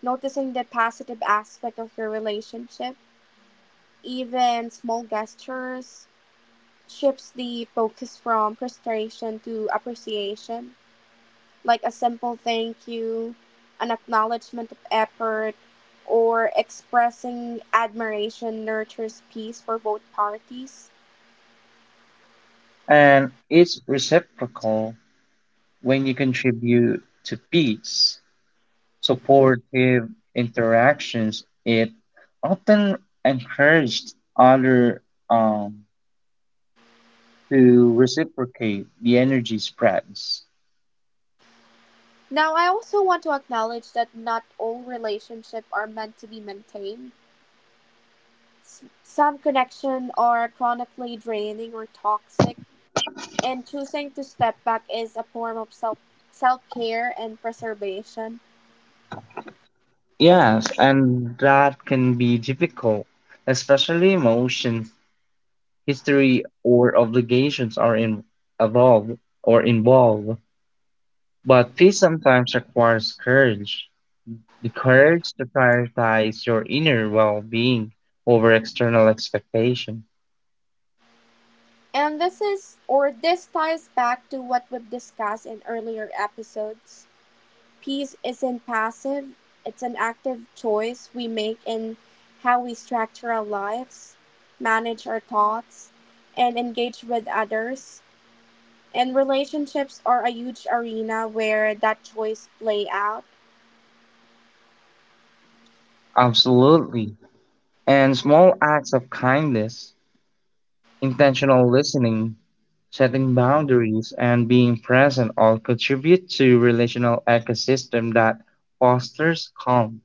Speaker 2: noticing the positive aspect of your relationship. Even small gestures shifts the focus from frustration to appreciation, like a simple thank you, an acknowledgement of effort, or expressing admiration nurtures peace for both parties.
Speaker 1: And it's reciprocal when you contribute to peace, supportive interactions. It often encouraged other um, to reciprocate the energy spreads.
Speaker 2: Now, I also want to acknowledge that not all relationships are meant to be maintained. Some connections are chronically draining or toxic, and choosing to step back is a form of self care and preservation.
Speaker 1: Yes, and that can be difficult, especially emotions, history, or obligations are in, evolve or involved. But peace sometimes requires courage. The courage to prioritize your inner well being over external expectation.
Speaker 2: And this is or this ties back to what we've discussed in earlier episodes. Peace isn't passive, it's an active choice we make in how we structure our lives, manage our thoughts, and engage with others. And relationships are a huge arena where that choice play out.
Speaker 1: Absolutely. And small acts of kindness, intentional listening, setting boundaries, and being present all contribute to relational ecosystem that fosters calm.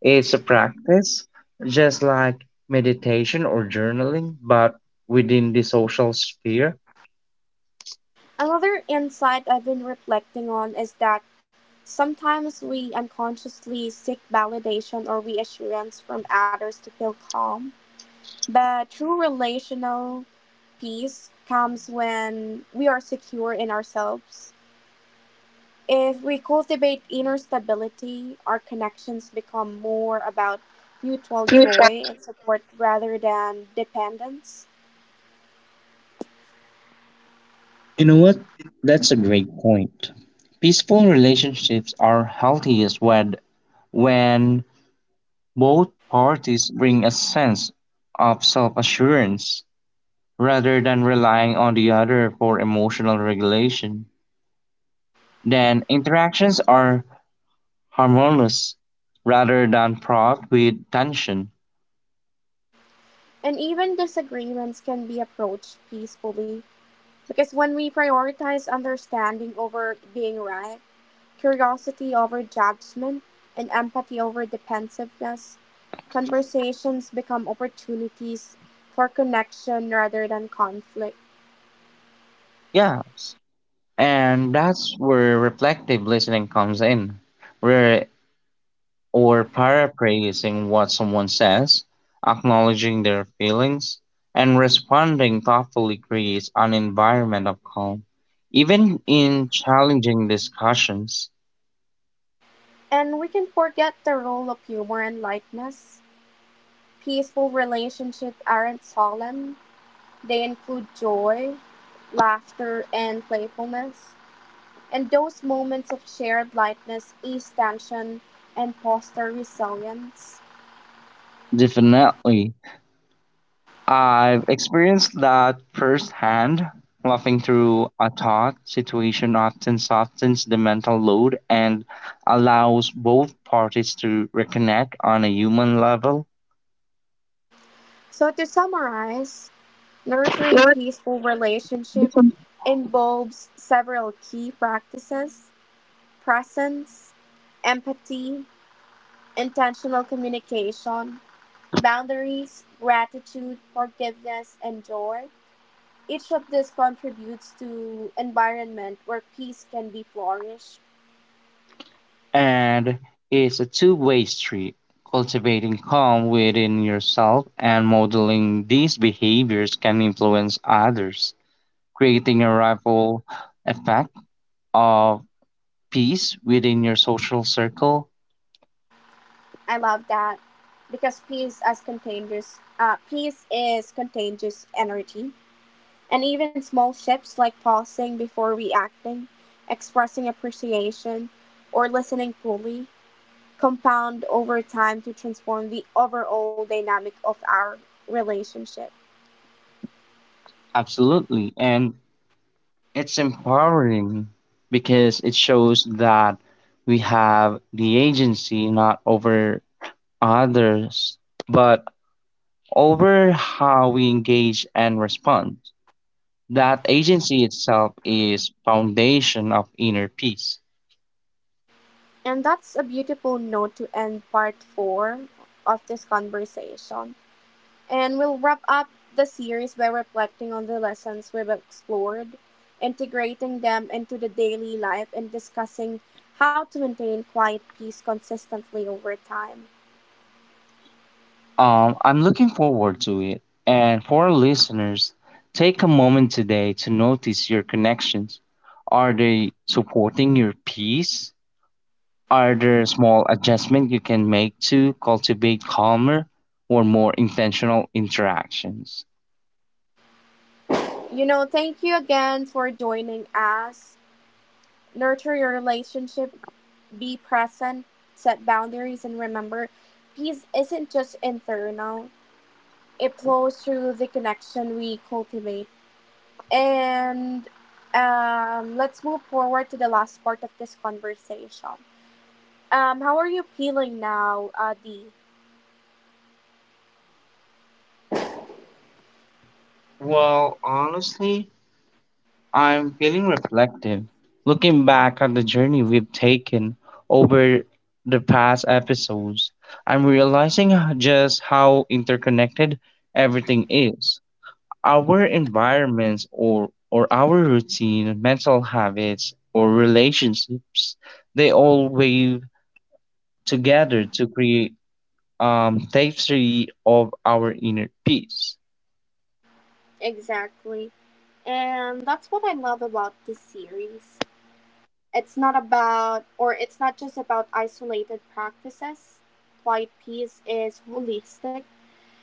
Speaker 1: It's a practice just like meditation or journaling, but within the social sphere.
Speaker 2: Another insight I've been reflecting on is that sometimes we unconsciously seek validation or reassurance from others to feel calm. But true relational peace comes when we are secure in ourselves. If we cultivate inner stability, our connections become more about mutual joy and support rather than dependence.
Speaker 1: You know what? That's a great point. Peaceful relationships are healthiest when both parties bring a sense of self assurance rather than relying on the other for emotional regulation. Then interactions are harmonious rather than fraught with tension.
Speaker 2: And even disagreements can be approached peacefully. Because when we prioritize understanding over being right, curiosity over judgment, and empathy over defensiveness, conversations become opportunities for connection rather than conflict.
Speaker 1: Yes. And that's where reflective listening comes in, where or paraphrasing what someone says, acknowledging their feelings, and responding thoughtfully creates an environment of calm. Even in challenging discussions,
Speaker 2: And we can forget the role of humor and lightness. Peaceful relationships aren't solemn, they include joy, laughter, and playfulness. And those moments of shared lightness ease tension and foster resilience.
Speaker 1: definitely. I've experienced that firsthand. Laughing through a thought situation often softens the mental load and allows both parties to reconnect on a human level.
Speaker 2: So, to summarize, nurturing peaceful relationship involves several key practices: presence, empathy, intentional communication, boundaries, gratitude, forgiveness, and joy. Each of these contributes to environment where peace can be flourished.
Speaker 1: And it's a two-way street. Cultivating calm within yourself and modeling these behaviors can influence others, creating a ripple effect of peace within your social circle.
Speaker 2: I love that because peace is contagious energy. And even small shifts like pausing before reacting, expressing appreciation, or listening fully compound over time to transform the overall dynamic of our relationship.
Speaker 1: Absolutely. And it's empowering because it shows that we have the agency not over others, but over how we engage and respond. That agency itself is foundation of inner peace.
Speaker 2: And that's a beautiful note to end part four of this conversation. And we'll wrap up the series by reflecting on the lessons we've explored, integrating them into the daily life, and discussing how to maintain quiet peace consistently over time.
Speaker 1: I'm looking forward to it. And for our listeners, take a moment today to notice your connections. Are they supporting your peace? Are there small adjustments you can make to cultivate calmer or more intentional interactions?
Speaker 2: You know, thank you again for joining us. Nurture your relationship, be present, set boundaries, and remember peace isn't just internal, it flows through the connection we cultivate. And let's move forward to the last part of this conversation. How are you feeling now, Dee?
Speaker 1: Well, honestly, I'm feeling reflective, looking back at the journey we've taken over the past episodes. I'm realizing just how interconnected everything is. Our environments or our routine, mental habits or relationships, they all weave together to create tapestry of our inner peace.
Speaker 2: Exactly. And that's what I love about this series. It's not just about isolated practices. Quiet peace is holistic,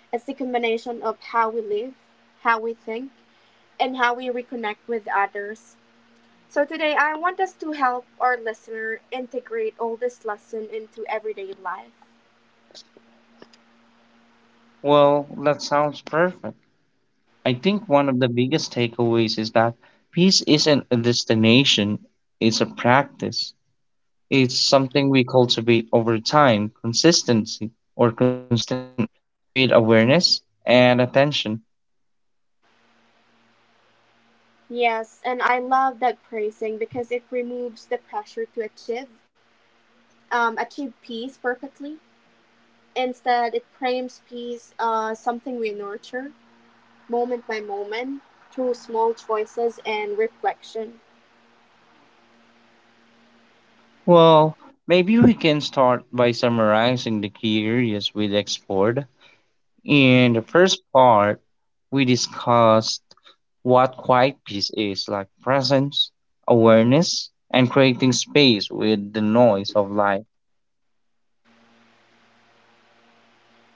Speaker 2: it's the combination of how we live, how we think, and how we reconnect with others. So, today I want us to help our listener integrate all this lesson into everyday life.
Speaker 1: Well, that sounds perfect. I think one of the biggest takeaways is that peace isn't a destination, it's a practice. It's something we cultivate over time, consistency or consistently with awareness and attention.
Speaker 2: Yes, and I love that praising because it removes the pressure to achieve peace perfectly. Instead, it frames peace as something we nurture, moment by moment through small choices and reflection.
Speaker 1: Well, maybe we can start by summarizing the key areas we explored. In the first part, we discussed what quiet peace is like presence, awareness, and creating space with the noise of life.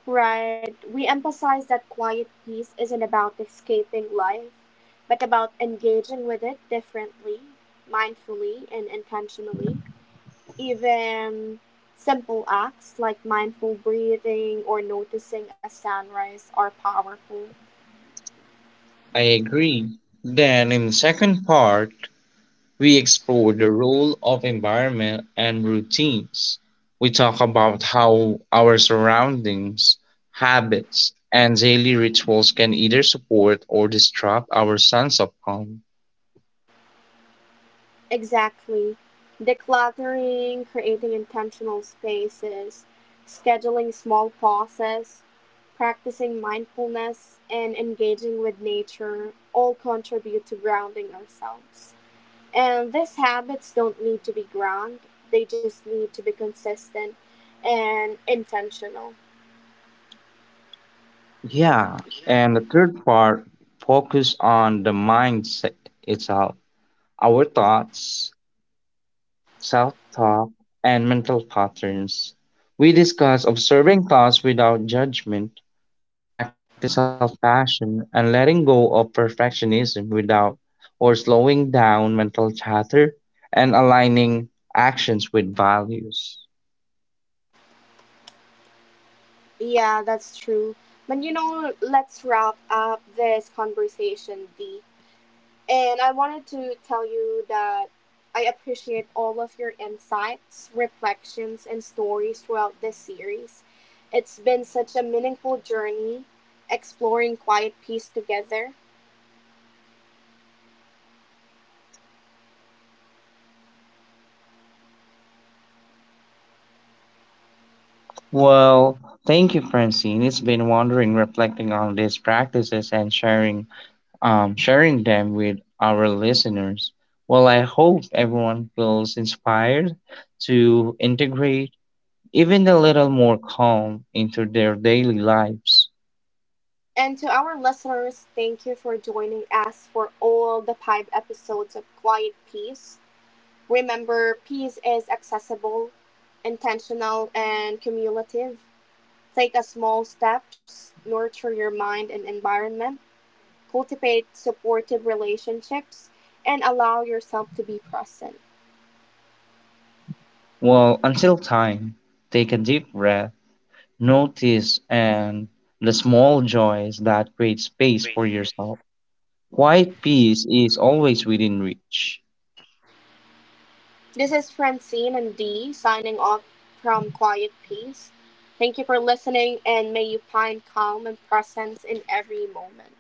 Speaker 2: Right, we emphasize that quiet peace isn't about escaping life, but about engaging with it differently, mindfully, and intentionally. Even simple acts like mindful breathing or noticing a sunrise are powerful.
Speaker 1: I agree. Then, in the second part, we explore the role of environment and routines. We talk about how our surroundings, habits, and daily rituals can either support or disrupt our sense of calm.
Speaker 2: Exactly. Decluttering, creating intentional spaces, scheduling small pauses, practicing mindfulness, and engaging with nature all contribute to grounding ourselves. And these habits don't need to be grand, they just need to be consistent and intentional.
Speaker 1: Yeah, and the third part focus on the mindset itself, our thoughts, self-talk, and mental patterns. We discuss observing thoughts without judgment practicing self compassion and letting go of perfectionism without or slowing down mental chatter and aligning actions with values.
Speaker 2: Yeah, that's true. But you know, let's wrap up this conversation, Dee. And I wanted to tell you that I appreciate all of your insights, reflections, and stories throughout this series. It's been such a meaningful journey exploring quiet peace together.
Speaker 1: Well, thank you, Francine. It's been wondering, reflecting on these practices and sharing them with our listeners. Well, I hope everyone feels inspired to integrate even a little more calm into their daily lives.
Speaker 2: And to our listeners, thank you for joining us for all the five episodes of Quiet Peace. Remember, peace is accessible, intentional, and cumulative. Take a small steps, nurture your mind and environment, cultivate supportive relationships, and allow yourself to be present.
Speaker 1: Well, until time, take a deep breath, notice and the small joys that create space for yourself. Quiet peace is always within reach.
Speaker 2: This is Francine and Dee signing off from Quiet Peace. Thank you for listening, and may you find calm and presence in every moment.